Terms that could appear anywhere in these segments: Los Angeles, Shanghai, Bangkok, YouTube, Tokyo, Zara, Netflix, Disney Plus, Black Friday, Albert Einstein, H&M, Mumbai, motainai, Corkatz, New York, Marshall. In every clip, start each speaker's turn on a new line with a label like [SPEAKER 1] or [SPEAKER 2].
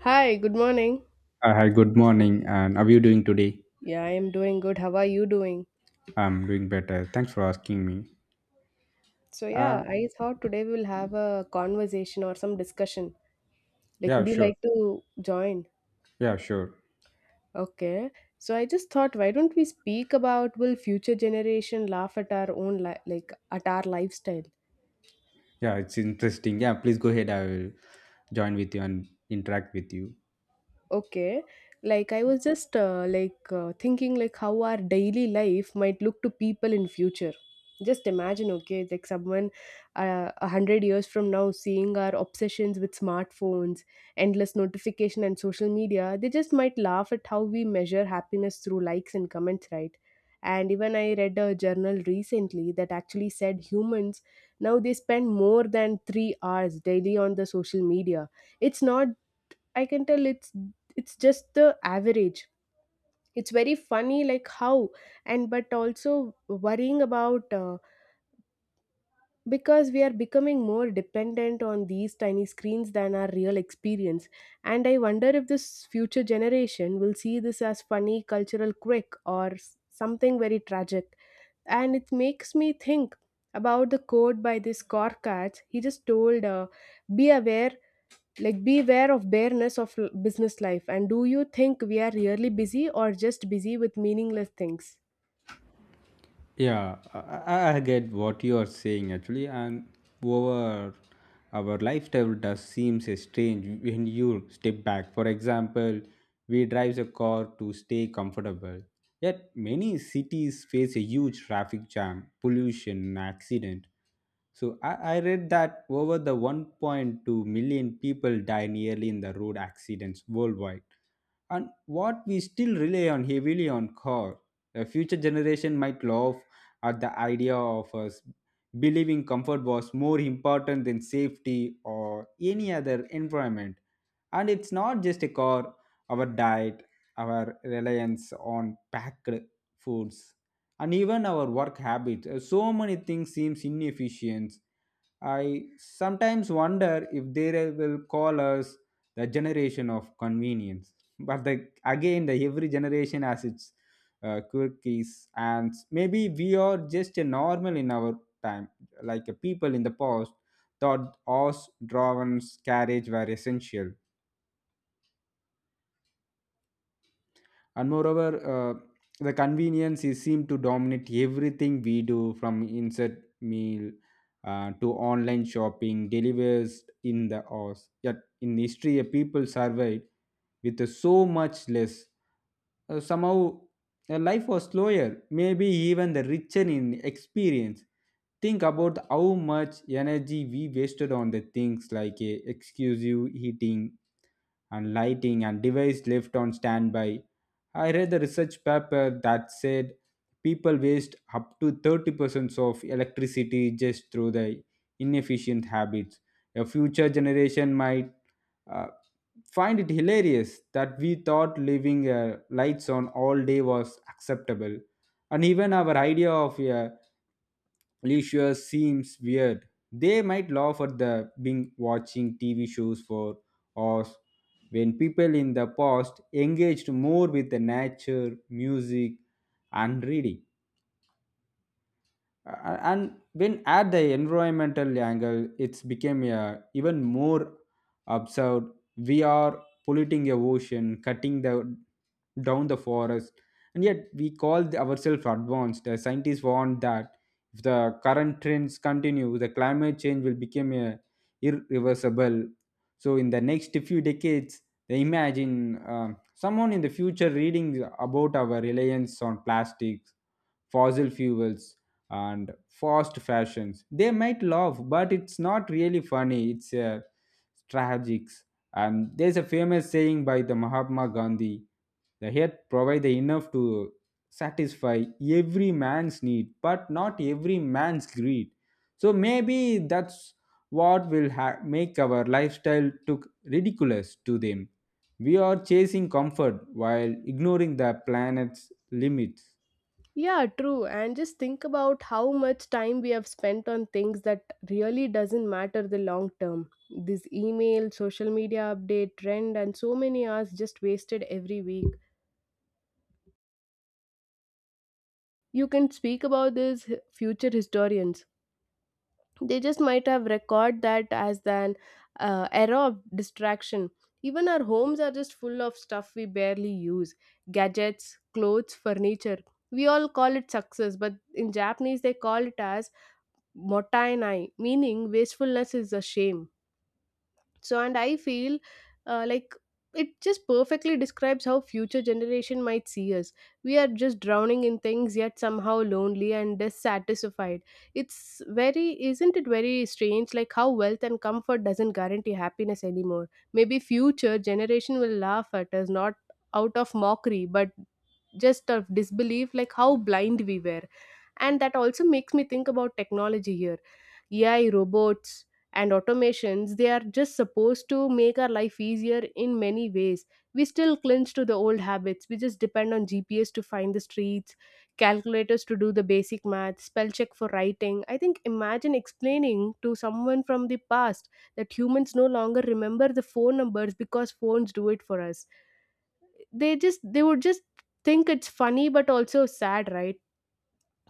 [SPEAKER 1] Hi, good morning.
[SPEAKER 2] Hi, good morning. And how are you doing today?
[SPEAKER 1] Yeah, I am doing good. How are you doing?
[SPEAKER 2] I'm doing better. Thanks for asking me.
[SPEAKER 1] So,
[SPEAKER 2] Uh,
[SPEAKER 1] yeah, I thought today we will have a conversation or some discussion. Like,
[SPEAKER 2] yeah,
[SPEAKER 1] would you
[SPEAKER 2] sure.
[SPEAKER 1] like to join?
[SPEAKER 2] Yeah, sure.
[SPEAKER 1] Okay. So, I just thought, why don't we speak about will future generation laugh at our own like at our lifestyle?
[SPEAKER 2] Yeah, it's interesting. Yeah, please go ahead. I will join with you and interact with you.
[SPEAKER 1] Okay. Like I was just thinking like how our daily life might look to people in future. Just imagine, okay, like someone 100 years from now seeing our obsessions with smartphones, endless notification, and social media, they just might laugh at how we measure happiness through likes and comments, right? And even I read a journal recently that actually said humans now they spend more than 3 hours daily on the social media it's not I can tell it's Just the average. It's very funny, like how, and but also worrying about because we are becoming more dependent on these tiny screens than our real experience. And I wonder if this future generation will see this as funny cultural quirk or something very tragic. And it makes me think about the quote by this Corkatz. He just told, "Be aware like beware of bareness of business life, and do you think we are really busy or just busy with meaningless things?
[SPEAKER 2] Yeah, I get what you are saying actually, and over our lifestyle does seems strange when you step back. For example, we drive a car to stay comfortable. Yet many cities face a huge traffic jam, pollution, and accident. So I read that over the 1.2 million people die nearly in the road accidents worldwide. And what we still rely on heavily on car. The future generation might laugh at the idea of us believing comfort was more important than safety or any other environment. And it's not just a car, our diet, our reliance on packed foods, and even our work habits. So many things seems inefficient. I sometimes wonder if they will call us the generation of convenience. But the, again, the every generation has its quirkies, and maybe we are just a normal in our time, like a people in the past thought horse drawn carriage were essential. And moreover, the convenience is seem to dominate everything we do from insert meal to online shopping, delivers in the horse. Yet in history, a people survived with so much less. Somehow, life was slower, maybe even the richer in experience. Think about how much energy we wasted on the things like exclusive heating and lighting and device left on standby. I read a research paper that said people waste up to 30% of electricity just through the inefficient habits. A future generation might uh, find it hilarious that we thought leaving lights on all day was acceptable. And even our idea of a leisure seems weird. They might laugh at the being watching TV shows for hours when people in the past engaged more with the nature, music, and reading. And when at the environmental angle it's became a even more absurd, we are polluting the ocean, cutting the down the forest, and yet we call ourselves advanced. The scientists warn that if the current trends continue, the climate change will become a irreversible. So in the next few decades, they imagine um, someone in the future reading about our reliance on plastics, fossil fuels, and fast fashions. They might laugh, but it's not really funny. It's tragic. And there's a famous saying by the Mahatma Gandhi: "The head provide enough to satisfy every man's need, but not every man's greed." So maybe that's what make our lifestyle look ridiculous to them. We are chasing comfort while ignoring the planet's limits.
[SPEAKER 1] Yeah, true. And just think about how much time we have spent on things that really doesn't matter the long term. This email, social media update, trend, and so many hours just wasted every week. You can speak about this future historians, they just might have record that as an era of distraction. Even our homes are just full of stuff we barely use, gadgets, clothes, furniture. We all call it success, but in Japanese they call it as motainai, meaning wastefulness is a shame. So, and I feel uh, like it just perfectly describes how future generation might see us. We are just drowning in things, yet somehow lonely and dissatisfied. It's very, isn't it very strange, like how wealth and comfort doesn't guarantee happiness anymore? Maybe future generation will laugh at us, not out of mockery, but just of disbelief, like how blind we were. And that also makes me think about technology here. AI, robots, and automations, they are just supposed to make our life easier in many ways. We still clinch to the old habits. We just depend on GPS to find the streets, calculators to do the basic math, spell check for writing. I think imagine explaining to someone from the past that humans no longer remember the phone numbers because phones do it for us. They just, they would just think it's funny, but also sad, right?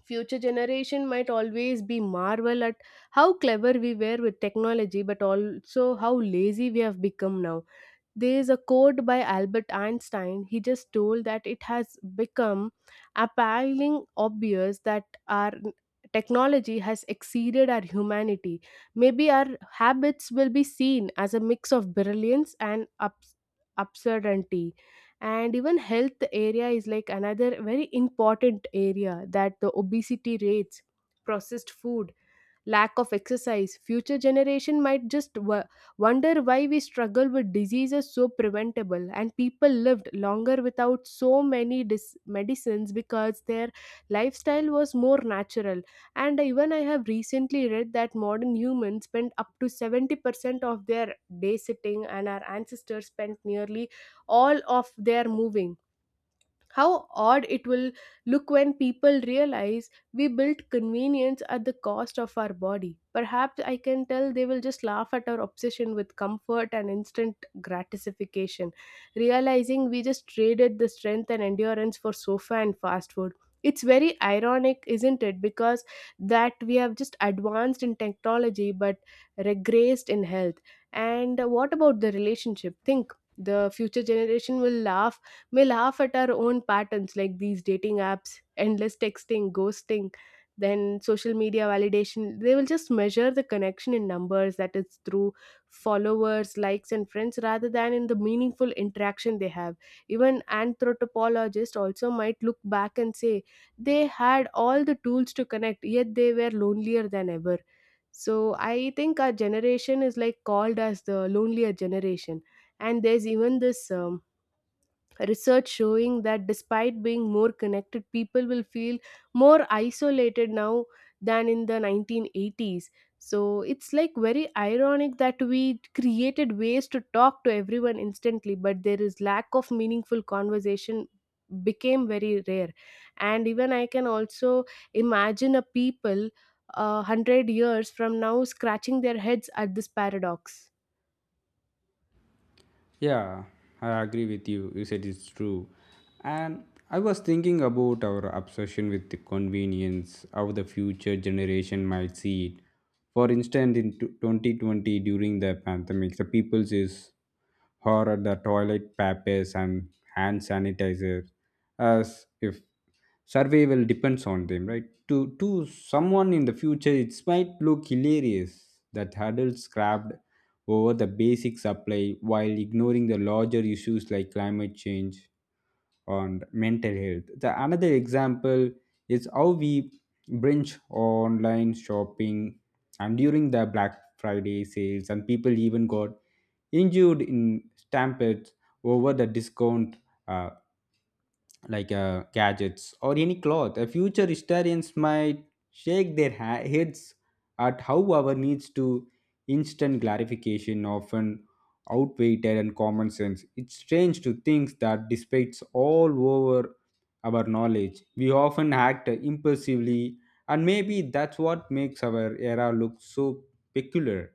[SPEAKER 1] Future generation might always be marvel at how clever we were with technology, but also how lazy we have become now. There is a quote by Albert Einstein. He just told that it has become appalling obvious that our technology has exceeded our humanity. Maybe our habits will be seen as a mix of brilliance and absurdity. And even health area is like another very important area, that the obesity rates, processed food, lack of exercise, future generation might just wonder why we struggle with diseases so preventable, and people lived longer without so many medicines because their lifestyle was more natural. And even I have recently read that modern humans spend up to 70% of their day sitting, and our ancestors spent nearly all of their moving. How odd it will look when people realize we built convenience at the cost of our body. Perhaps I can tell they will just laugh at our obsession with comfort and instant gratification, realizing we just traded the strength and endurance for sofa and fast food. It's very ironic, isn't it? Because that we have just advanced in technology, but regressed in health. And what about the relationship? Think the future generation will laugh, we laugh at our own patterns like these dating apps, endless texting, ghosting, then social media validation. They will just measure the connection in numbers, that is through followers, likes, and friends, rather than in the meaningful interaction they have. Even anthropologists also might look back and say they had all the tools to connect, yet they were lonelier than ever. So I think our generation is like called as the lonelier generation. And there's even this research showing that despite being more connected, people will feel more isolated now than in the 1980s. So it's like very ironic that we created ways to talk to everyone instantly, but there is lack of meaningful conversation, became very rare. And even I can also imagine a people 100 years from now scratching their heads at this paradox.
[SPEAKER 2] Yeah, I agree with you. You said it's true. And I was thinking about our obsession with the convenience, how the future generation might see it. For instance, in 2020, during the pandemic, the people is horror the toilet papers and hand sanitizer as if survival depends on them, right? To someone in the future, it might look hilarious that adults grabbed over the basic supply while ignoring the larger issues like climate change and mental health. The another example is how we binge online shopping and during the Black Friday sales, and people even got injured in stampedes over the discount uh, gadgets or any cloth. Future historians might shake their heads at how our needs to instant gratification often outweighed and common sense. It's strange to think that despite all over our knowledge, we often act impulsively, and maybe that's what makes our era look so peculiar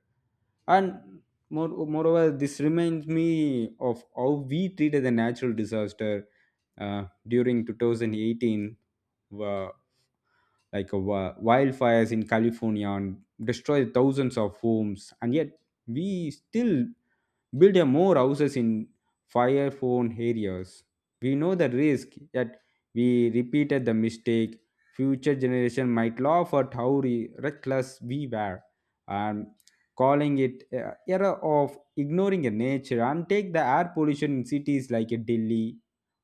[SPEAKER 2] and moreover this reminds me of how we treated the natural disaster during 2018 were like a, wildfires in california and destroyed thousands of homes, and yet we still build a more houses in fire prone areas. We know the risk that we repeated the mistake. Future generation might laugh at how reckless we were, and calling it a era of ignoring the nature, and take the air pollution in cities like Delhi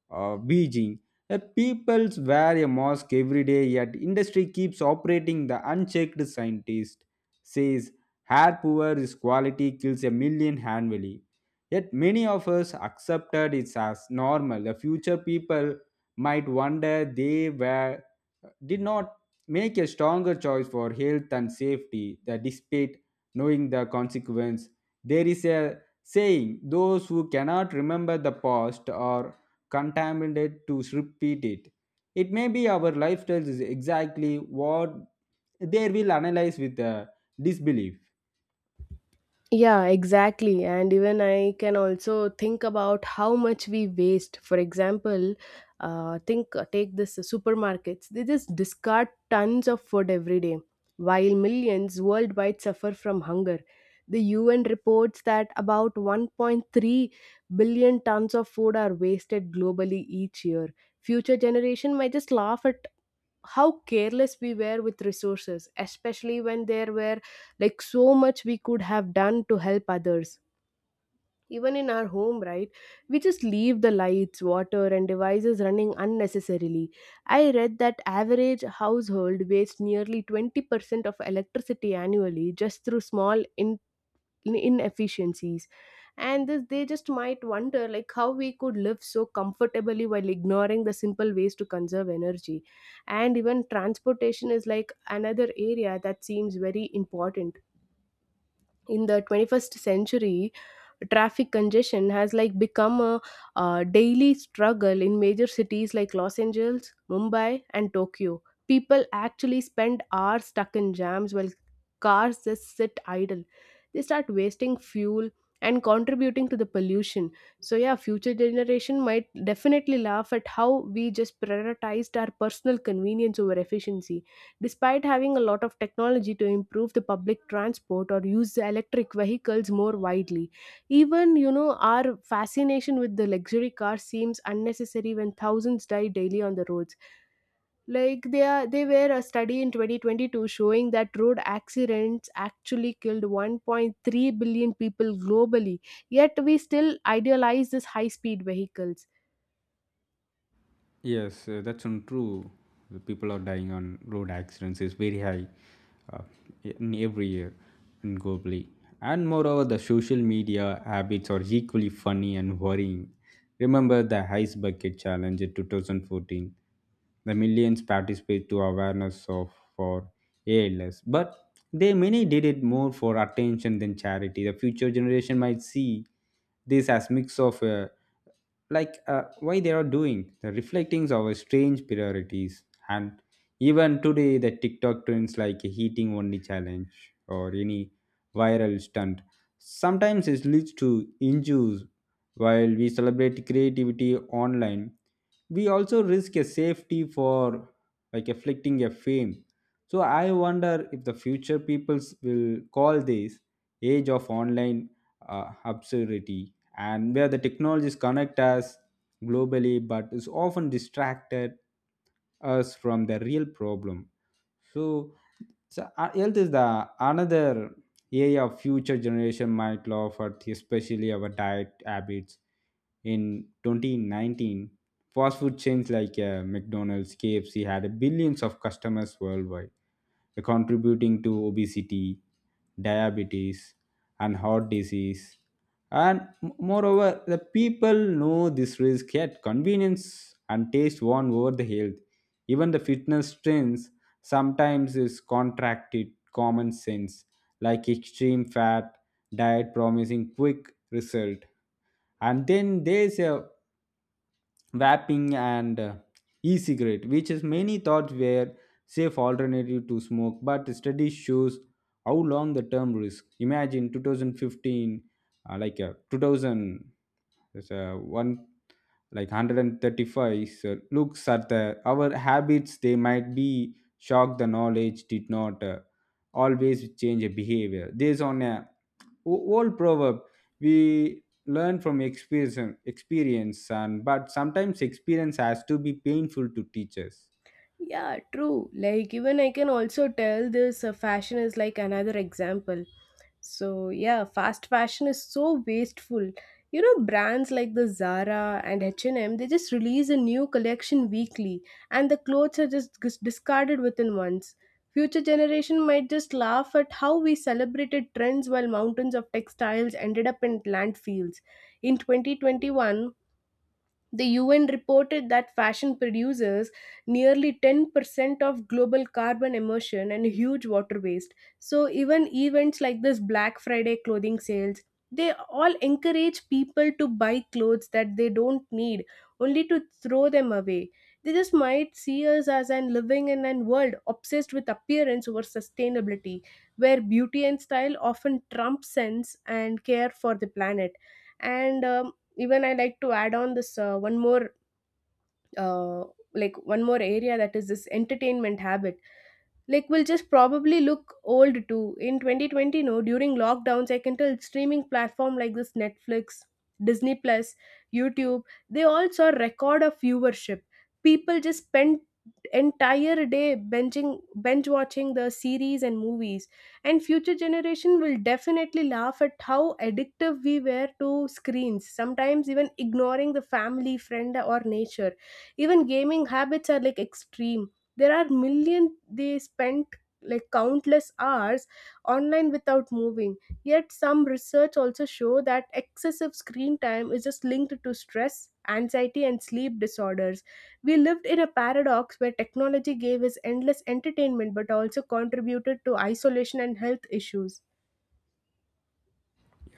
[SPEAKER 2] uh, Beijing. The peoples wear a mask every day, yet industry keeps operating the unchecked. Scientist says hair poor is quality kills a million annually. Yet many of us accepted it as normal. The future people might wonder they were did not make a stronger choice for health and safety. That despite knowing the consequence, there is a saying: those who cannot remember the past are contaminated to repeat it. It may be our lifestyles is exactly what they will analyze with disbelief.
[SPEAKER 1] Yeah, exactly. And even I can also think about how much we waste. For example, think take this supermarkets. They just discard tons of food every day, while millions worldwide suffer from hunger. The UN reports that about 1.3 billion tons of food are wasted globally each year. Future generation might just laugh at how careless we were with resources, especially when there were like so much we could have done to help others, even in our home, right? We just leave the lights, water, and devices running unnecessarily. I read that average household wastes nearly 20% of electricity annually just through small inefficiencies. And this, they just might wonder like how we could live so comfortably while ignoring the simple ways to conserve energy. And even transportation is like another area that seems very important. In the 21st century, traffic congestion has like become a daily struggle in major cities like Los Angeles, Mumbai, and Tokyo. People actually spend hours stuck in jams, while cars just sit idle. They start wasting fuel and contributing to the pollution. So yeah, future generation might definitely laugh at how we just prioritized our personal convenience over efficiency. Despite having a lot of technology to improve the public transport or use the electric vehicles more widely, even you know our fascination with the luxury car seems unnecessary when thousands die daily on the roads. Like they are, they were a study in 2022 showing that road accidents actually killed 1.3 billion people globally. Yet we still idealize this high-speed vehicles.
[SPEAKER 2] Yes, that's untrue. The people are dying on road accidents is very high uh, in every year in globally. And moreover, the social media habits are equally funny and worrying. Remember the ice bucket challenge in 2014, the millions participate to awareness of for ALS, but they many did it more for attention than charity. The future generation might see this as mix of why they are doing the reflectings of our strange priorities. And even today the TikTok trends like a heating only challenge or any viral stunt, sometimes it leads to injuries while we celebrate creativity online. We also risk a safety for like afflicting a fame. So I wonder if the future peoples will call this age of online absurdity, and where the technologies connect us globally but is often distracted us from the real problem. So, so uh, health is the another area future generation might love at, especially our diet habits. In 2019, fast food chains like McDonald's, KFC had billions of customers worldwide, contributing to obesity, diabetes, and heart disease. And moreover, the people know this risk yet convenience and taste won over the health. Even the fitness trends sometimes is contracted common sense, like extreme fat diet promising quick result. And then there's a vaping and e-cigarette, which is many thought were safe alternative to smoke, but study shows how long the term risk. Imagine 2015, 2000, like 135 so looks at the our habits, they might be shocked the knowledge did not always change a behavior. This on a old proverb, we learn from experience and but sometimes experience has to be painful to teach us.
[SPEAKER 1] Yeah, true. Like even I can also tell this fashion is like another example. So yeah, fast fashion is so wasteful. You know, brands like the Zara and H&M, they just release a new collection weekly, and the clothes are just discarded within months. Future generation might just laugh at how we celebrated trends while mountains of textiles ended up in landfills. In 2021, the UN reported that fashion produces nearly 10% of global carbon emission and huge water waste. So even events like this Black Friday clothing sales, they all encourage people to buy clothes that they don't need, only to throw them away. They just might see us as an living in a world obsessed with appearance over sustainability, where beauty and style often trump sense and care for the planet. And even I like to add on this uh, one more area, that is this entertainment habit. Like will just probably look old too. In 2020, no, during lockdowns, I can tell streaming platform like this Netflix, Disney Plus, YouTube, they all saw record of viewership. People just spent entire day binging, bench watching the series and movies. And future generation will definitely laugh at how addictive we were to screens, sometimes even ignoring the family, friend, or nature. Even gaming habits are like extreme. There are million, they spent like countless hours online without moving. Yet some research also show that excessive screen time is just linked to stress, anxiety, and sleep disorders. We lived in a paradox where technology gave us endless entertainment but also contributed to isolation and health issues.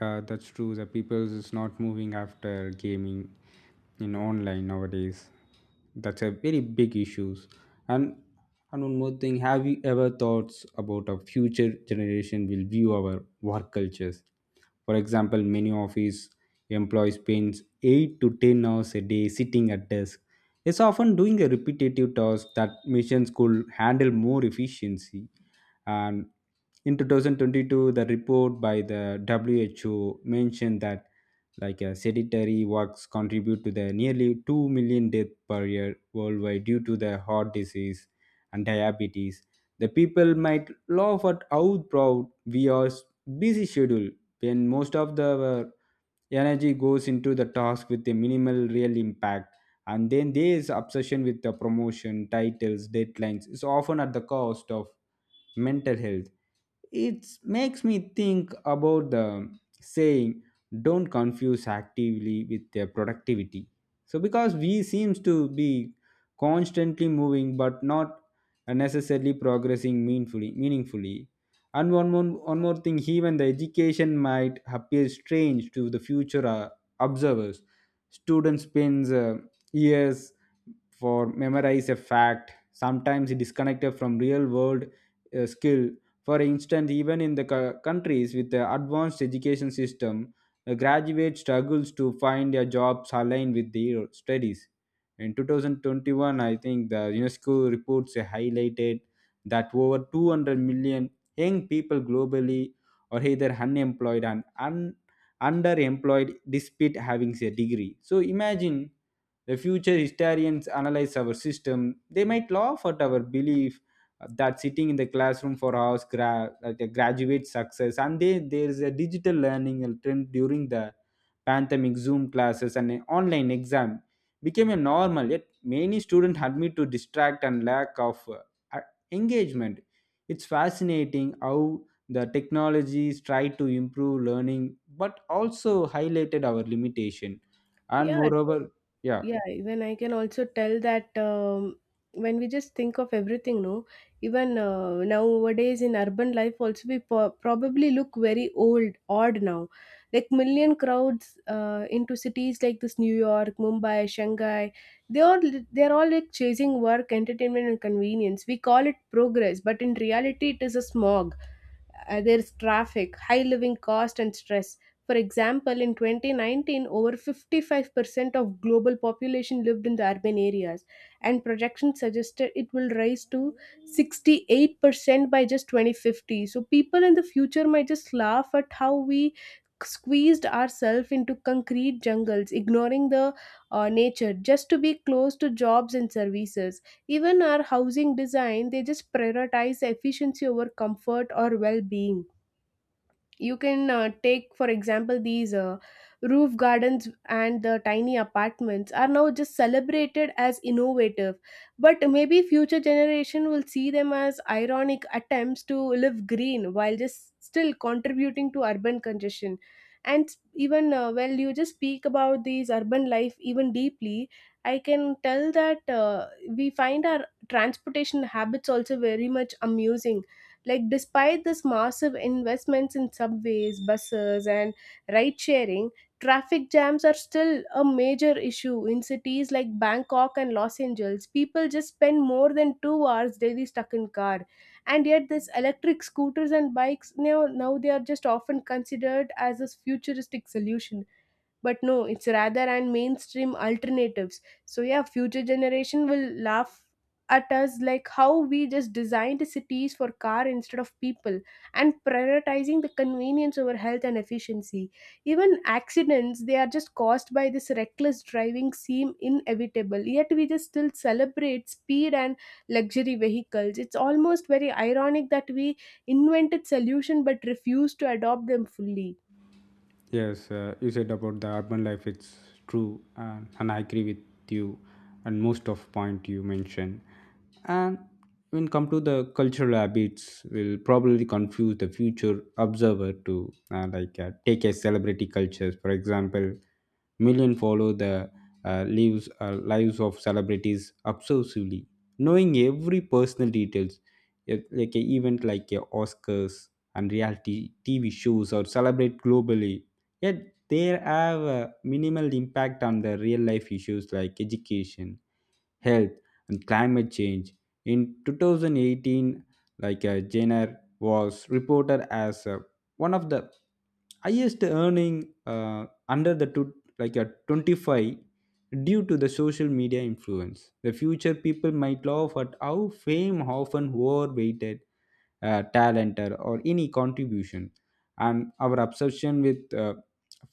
[SPEAKER 2] Yeah, that's true. The people is not moving after gaming in online nowadays. That's a very big issues. And and one more thing, have you ever thoughts about a future generation will view our work cultures? For example, many office employees spends 8 to 10 hours a day sitting at desk. It's often doing a repetitive task that machines could handle more efficiency. And in 2022, the report by the WHO mentioned that like sedentary works contribute to the nearly 2 million deaths per year worldwide due to the heart disease and diabetes. The people might laugh at how proud we are busy schedule when most of the energy goes into the task with a minimal real impact. And then there's obsession with the promotion titles deadlines is often at the cost of mental health. It makes me think about the saying, don't confuse actively with their productivity. So, because we seems to be constantly moving but not necessarily progressing meaningfully. And one more thing, even the education might appear strange to the future observers. Students spends years for memorize a fact, sometimes it is disconnected from real world skill. For instance, even in the countries with the advanced education system, the graduate struggles to find a jobs aligned with their studies. In 2021, I think the unesco reports highlighted that over 200 million young people globally are either unemployed and underemployed despite having a degree. So imagine the future historians analyze our system. They might laugh at our belief that sitting in the classroom for hours like a graduate success. And they, there is a digital learning trend during the pandemic, Zoom classes and an online exam became a normal. Yet many students admit to distract and lack of uh, engagement. It's fascinating how the technologies try to improve learning, but also highlighted our limitation. And
[SPEAKER 1] Yeah,
[SPEAKER 2] moreover, yeah.
[SPEAKER 1] yeah, even I can also tell that when we just think of everything, no, even nowadays in urban life also we probably look very old, odd now. Like million crowds into cities like this New York, Mumbai, Shanghai, they all, they're all like chasing work, entertainment, and convenience. We call it progress, but in reality, it is a smog. There's traffic, high living cost, and stress. For example, in 2019, over 55% of global population lived in the urban areas, and projections suggested it will rise to 68% by just 2050. So people in the future might just laugh at how we squeezed ourselves into concrete jungles, ignoring the nature just to be close to jobs and services. Even our housing design, they just prioritize efficiency over comfort or well-being. You can take for example these roof gardens, and the tiny apartments are now just celebrated as innovative, but maybe future generation will see them as ironic attempts to live green while just still contributing to urban congestion. And even well, you just speak about these urban life even deeply, I can tell that we find our transportation habits also very much amusing. Like, despite this massive investments in subways, buses, and ride sharing, traffic jams are still a major issue in cities like Bangkok and Los Angeles. People just spend more than 2 hours daily stuck in car, and yet these electric scooters and bikes, now they are just often considered as a futuristic solution, but no, it's rather and mainstream alternatives. So yeah, future generation will laugh at us, like how we just designed cities for car instead of people and prioritizing the convenience over health and efficiency. Even accidents, they are just caused by this reckless driving, seem inevitable, yet we just still celebrate speed and luxury vehicles. It's almost very ironic that we invented solution but refused to adopt them fully.
[SPEAKER 2] Yes, you said about the urban life. It's true, and I agree with you, and most of point you mentioned. And when come to the cultural habits, will probably confuse the future observer to take a celebrity cultures. For example, million follow the lives of celebrities obsessively, knowing every personal details. Yet, like a event like a Oscars and reality TV shows are celebrate globally, yet they have a minimal impact on the real life issues like education, health, and climate change. In 2018, like Jenner was reported as one of the highest earning under the two, like a 25 due to the social media influence. The future people might laugh at how fame often overweighted talent or any contribution and our obsession with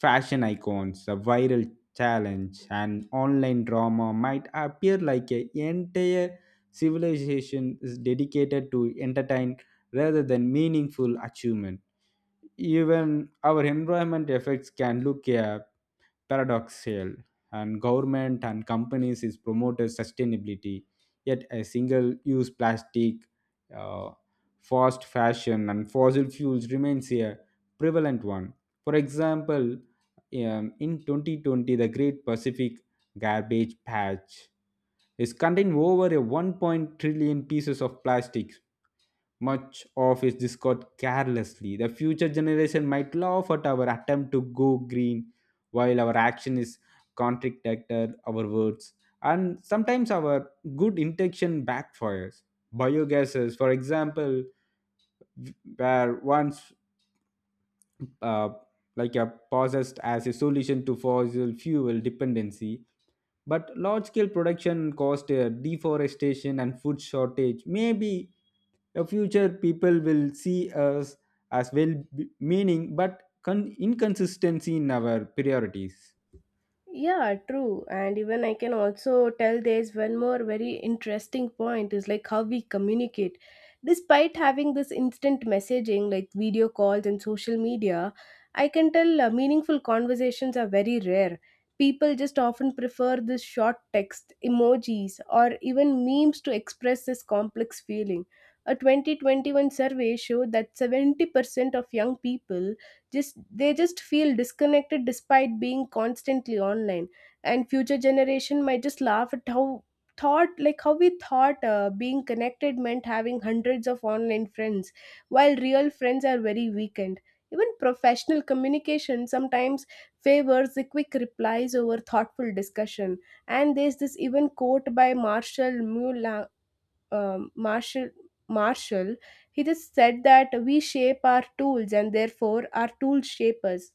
[SPEAKER 2] fashion icons the viral challenge and online drama might appear like a entire civilization is dedicated to entertain rather than meaningful achievement even our environment effects can look paradoxical and government and companies is promoted sustainability yet a single use plastic uh, fast fashion and fossil fuels remains a prevalent one for example in 2020 the great pacific garbage patch is contained over a 1 point trillion pieces of plastic much of is discarded carelessly. The future generation might laugh at our attempt to go green while our action is contradicted our words. And sometimes our good intention backfires. Biogases, for example, were once uh, like a possessed as a solution to fossil fuel dependency but large scale production caused deforestation and food shortage maybe a future people will see us as well meaning but inconsistency in our priorities.
[SPEAKER 1] Yeah, true. And even I can also tell there's one more very interesting point is like how we communicate. Despite having this instant messaging like video calls and social media, I can tell meaningful conversations are very rare. People just often prefer this short text, emojis, or even memes to express this complex feeling. A 2021 survey showed that 70% of young people just feel disconnected despite being constantly online, and future generation might just laugh at how thought like how we thought being connected meant having hundreds of online friends while real friends are very weakened. Even professional communication sometimes favors the quick replies over thoughtful discussion. And there's this even quote by um, Marshall, Marshall, he just said that we shape our tools and therefore our tools shape us,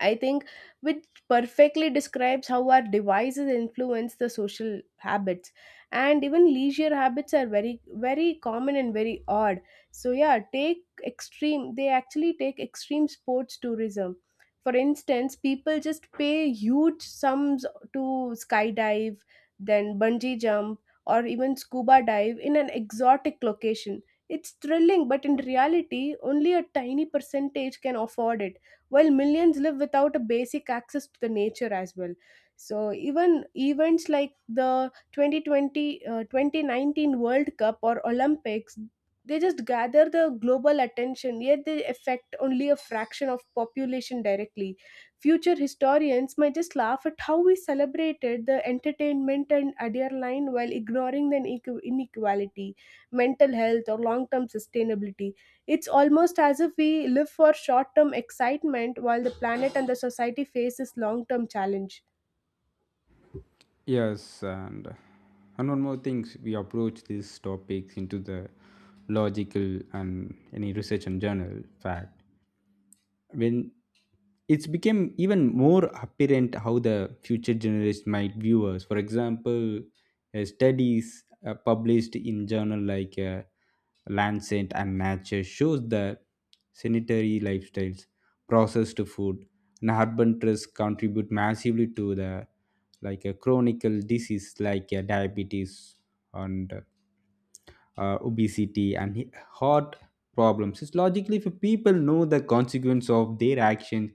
[SPEAKER 1] I think, which perfectly describes how our devices influence the social habits. And even leisure habits are very, very common and very odd. So, yeah, they actually take extreme sports tourism. For instance, people just pay huge sums to skydive, then bungee jump, or even scuba dive in an exotic location. It's thrilling, but in reality, only a tiny percentage can afford it while millions live without a basic access to the nature as well. So even events like the 2020 uh, 2019 World Cup or Olympics, they just gather the global attention, yet they affect only a fraction of population directly. Future historians might just laugh at how we celebrated the entertainment and adrenaline while ignoring the inequality, mental health, or long-term sustainability. It's almost as if we live for short term excitement while the planet and the society faces long term challenge.
[SPEAKER 2] Yes, and one more thing, we approach these topics into the logical and any research and journal fact when it's became even more apparent how the future generations might view us. For example, studies published in journal like Lancet and Nature shows that sanitary lifestyles, processed food, and urban stress contribute massively to the like a chronic disease like diabetes and obesity, and heart problems. It's logically, if people know the consequence of their actions,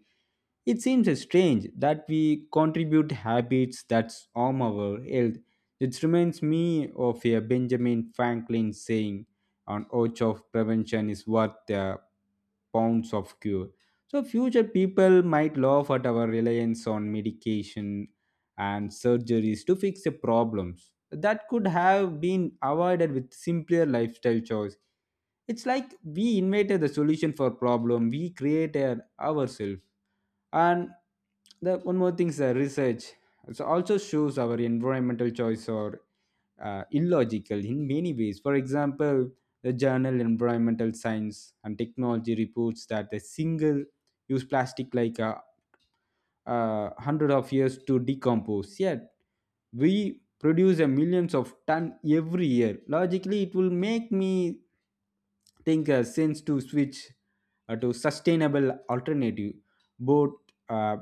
[SPEAKER 2] it seems strange that we contribute habits that harm our health. It reminds me of a Benjamin Franklin saying, "An ounce of prevention is worth pounds of cure." So, future people might laugh at our reliance on medication and surgeries to fix the problems that could have been avoided with simpler lifestyle choice. It's like we invented the solution for problem we created ourselves. And the one more thing is the research. It also shows our environmental choice or illogical in many ways. For example, the journal Environmental Science and Technology reports that a single use plastic like hundred of years to decompose yet we produce a millions of ton every year logically it will make me thinker since to switch to sustainable alternative both uh,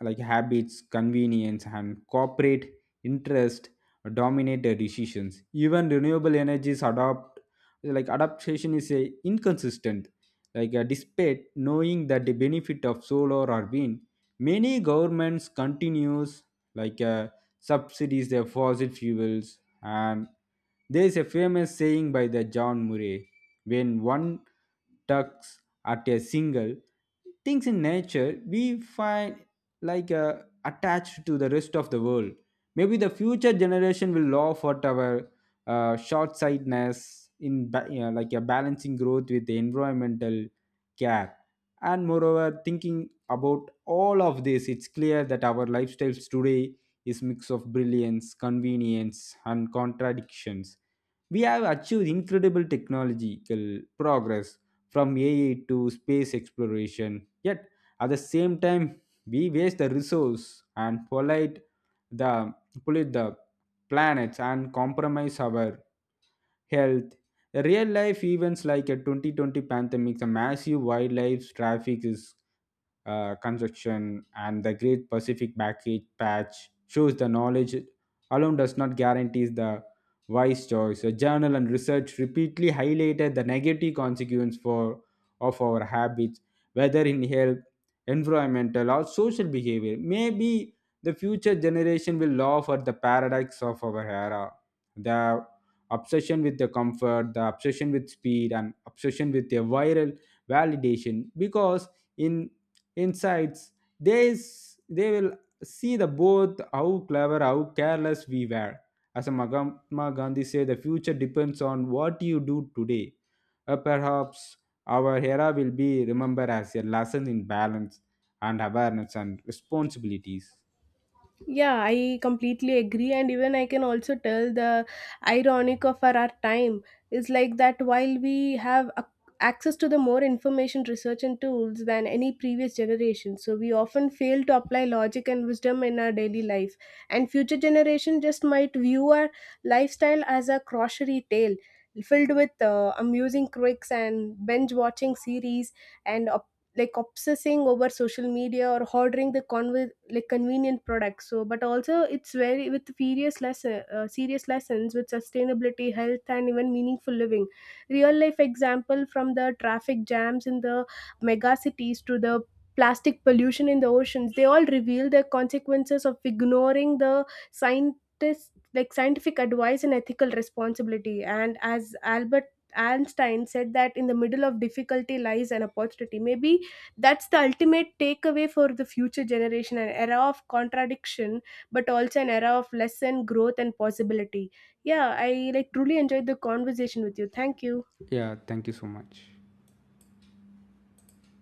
[SPEAKER 2] like habits convenience and corporate interest dominate the decisions even renewable energies adopt like adaptation is a inconsistent like despite knowing that the benefit of solar or wind many governments continues like subsidies their fossil fuels and there is a famous saying by the John Murray, when one tugs at a single things in nature, we find like attached to the rest of the world. Maybe the future generation will laugh at our short sightedness in like a balancing growth with the environmental care. And moreover, thinking about all of this, it's clear that our lifestyles today is mix of brilliance, convenience, and contradictions. We have achieved incredible technological progress from AI to space exploration, yet at the same time, we waste the resource and the pollute the planets and compromise our health. Real life events like a 2020 pandemic, the massive wildlife traffic is construction, and the Great Pacific Package Patch shows the knowledge alone does not guarantee the wise choice. A journal and research repeatedly highlighted the negative consequence for of our habits, whether in health, environmental, or social behavior. Maybe the future generation will laugh at the paradox of our era. The obsession with the comfort, the obsession with speed, and obsession with a viral validation. Because in insights, they will see the both how clever, how careless we were. As Mahatma Gandhi said, the future depends on what you do today. Perhaps our era will be remembered as a lesson in balance and awareness and responsibilities.
[SPEAKER 1] Yeah, I completely agree, and even I can also tell the ironic of our time is like that while we have ac access to the more information, research, and tools than any previous generation, so we often fail to apply logic and wisdom in our daily life. And future generation just might view our lifestyle as a crockery tale filled with amusing quirks and binge watching series and like obsessing over social media or ordering the like convenient products. So but also it's very with serious lessons with sustainability, health, and even meaningful living. Real life example from the traffic jams in the mega cities to the plastic pollution in the oceans, they all reveal the consequences of ignoring the scientists like scientific advice and ethical responsibility. And as Albert Einstein said, that in the middle of difficulty lies an opportunity. Maybe that's the ultimate takeaway for the future generation, an era of contradiction but also an era of lesson, growth, and possibility. Yeah, I like truly enjoyed the conversation with you. Thank you.
[SPEAKER 2] Yeah, thank you so much.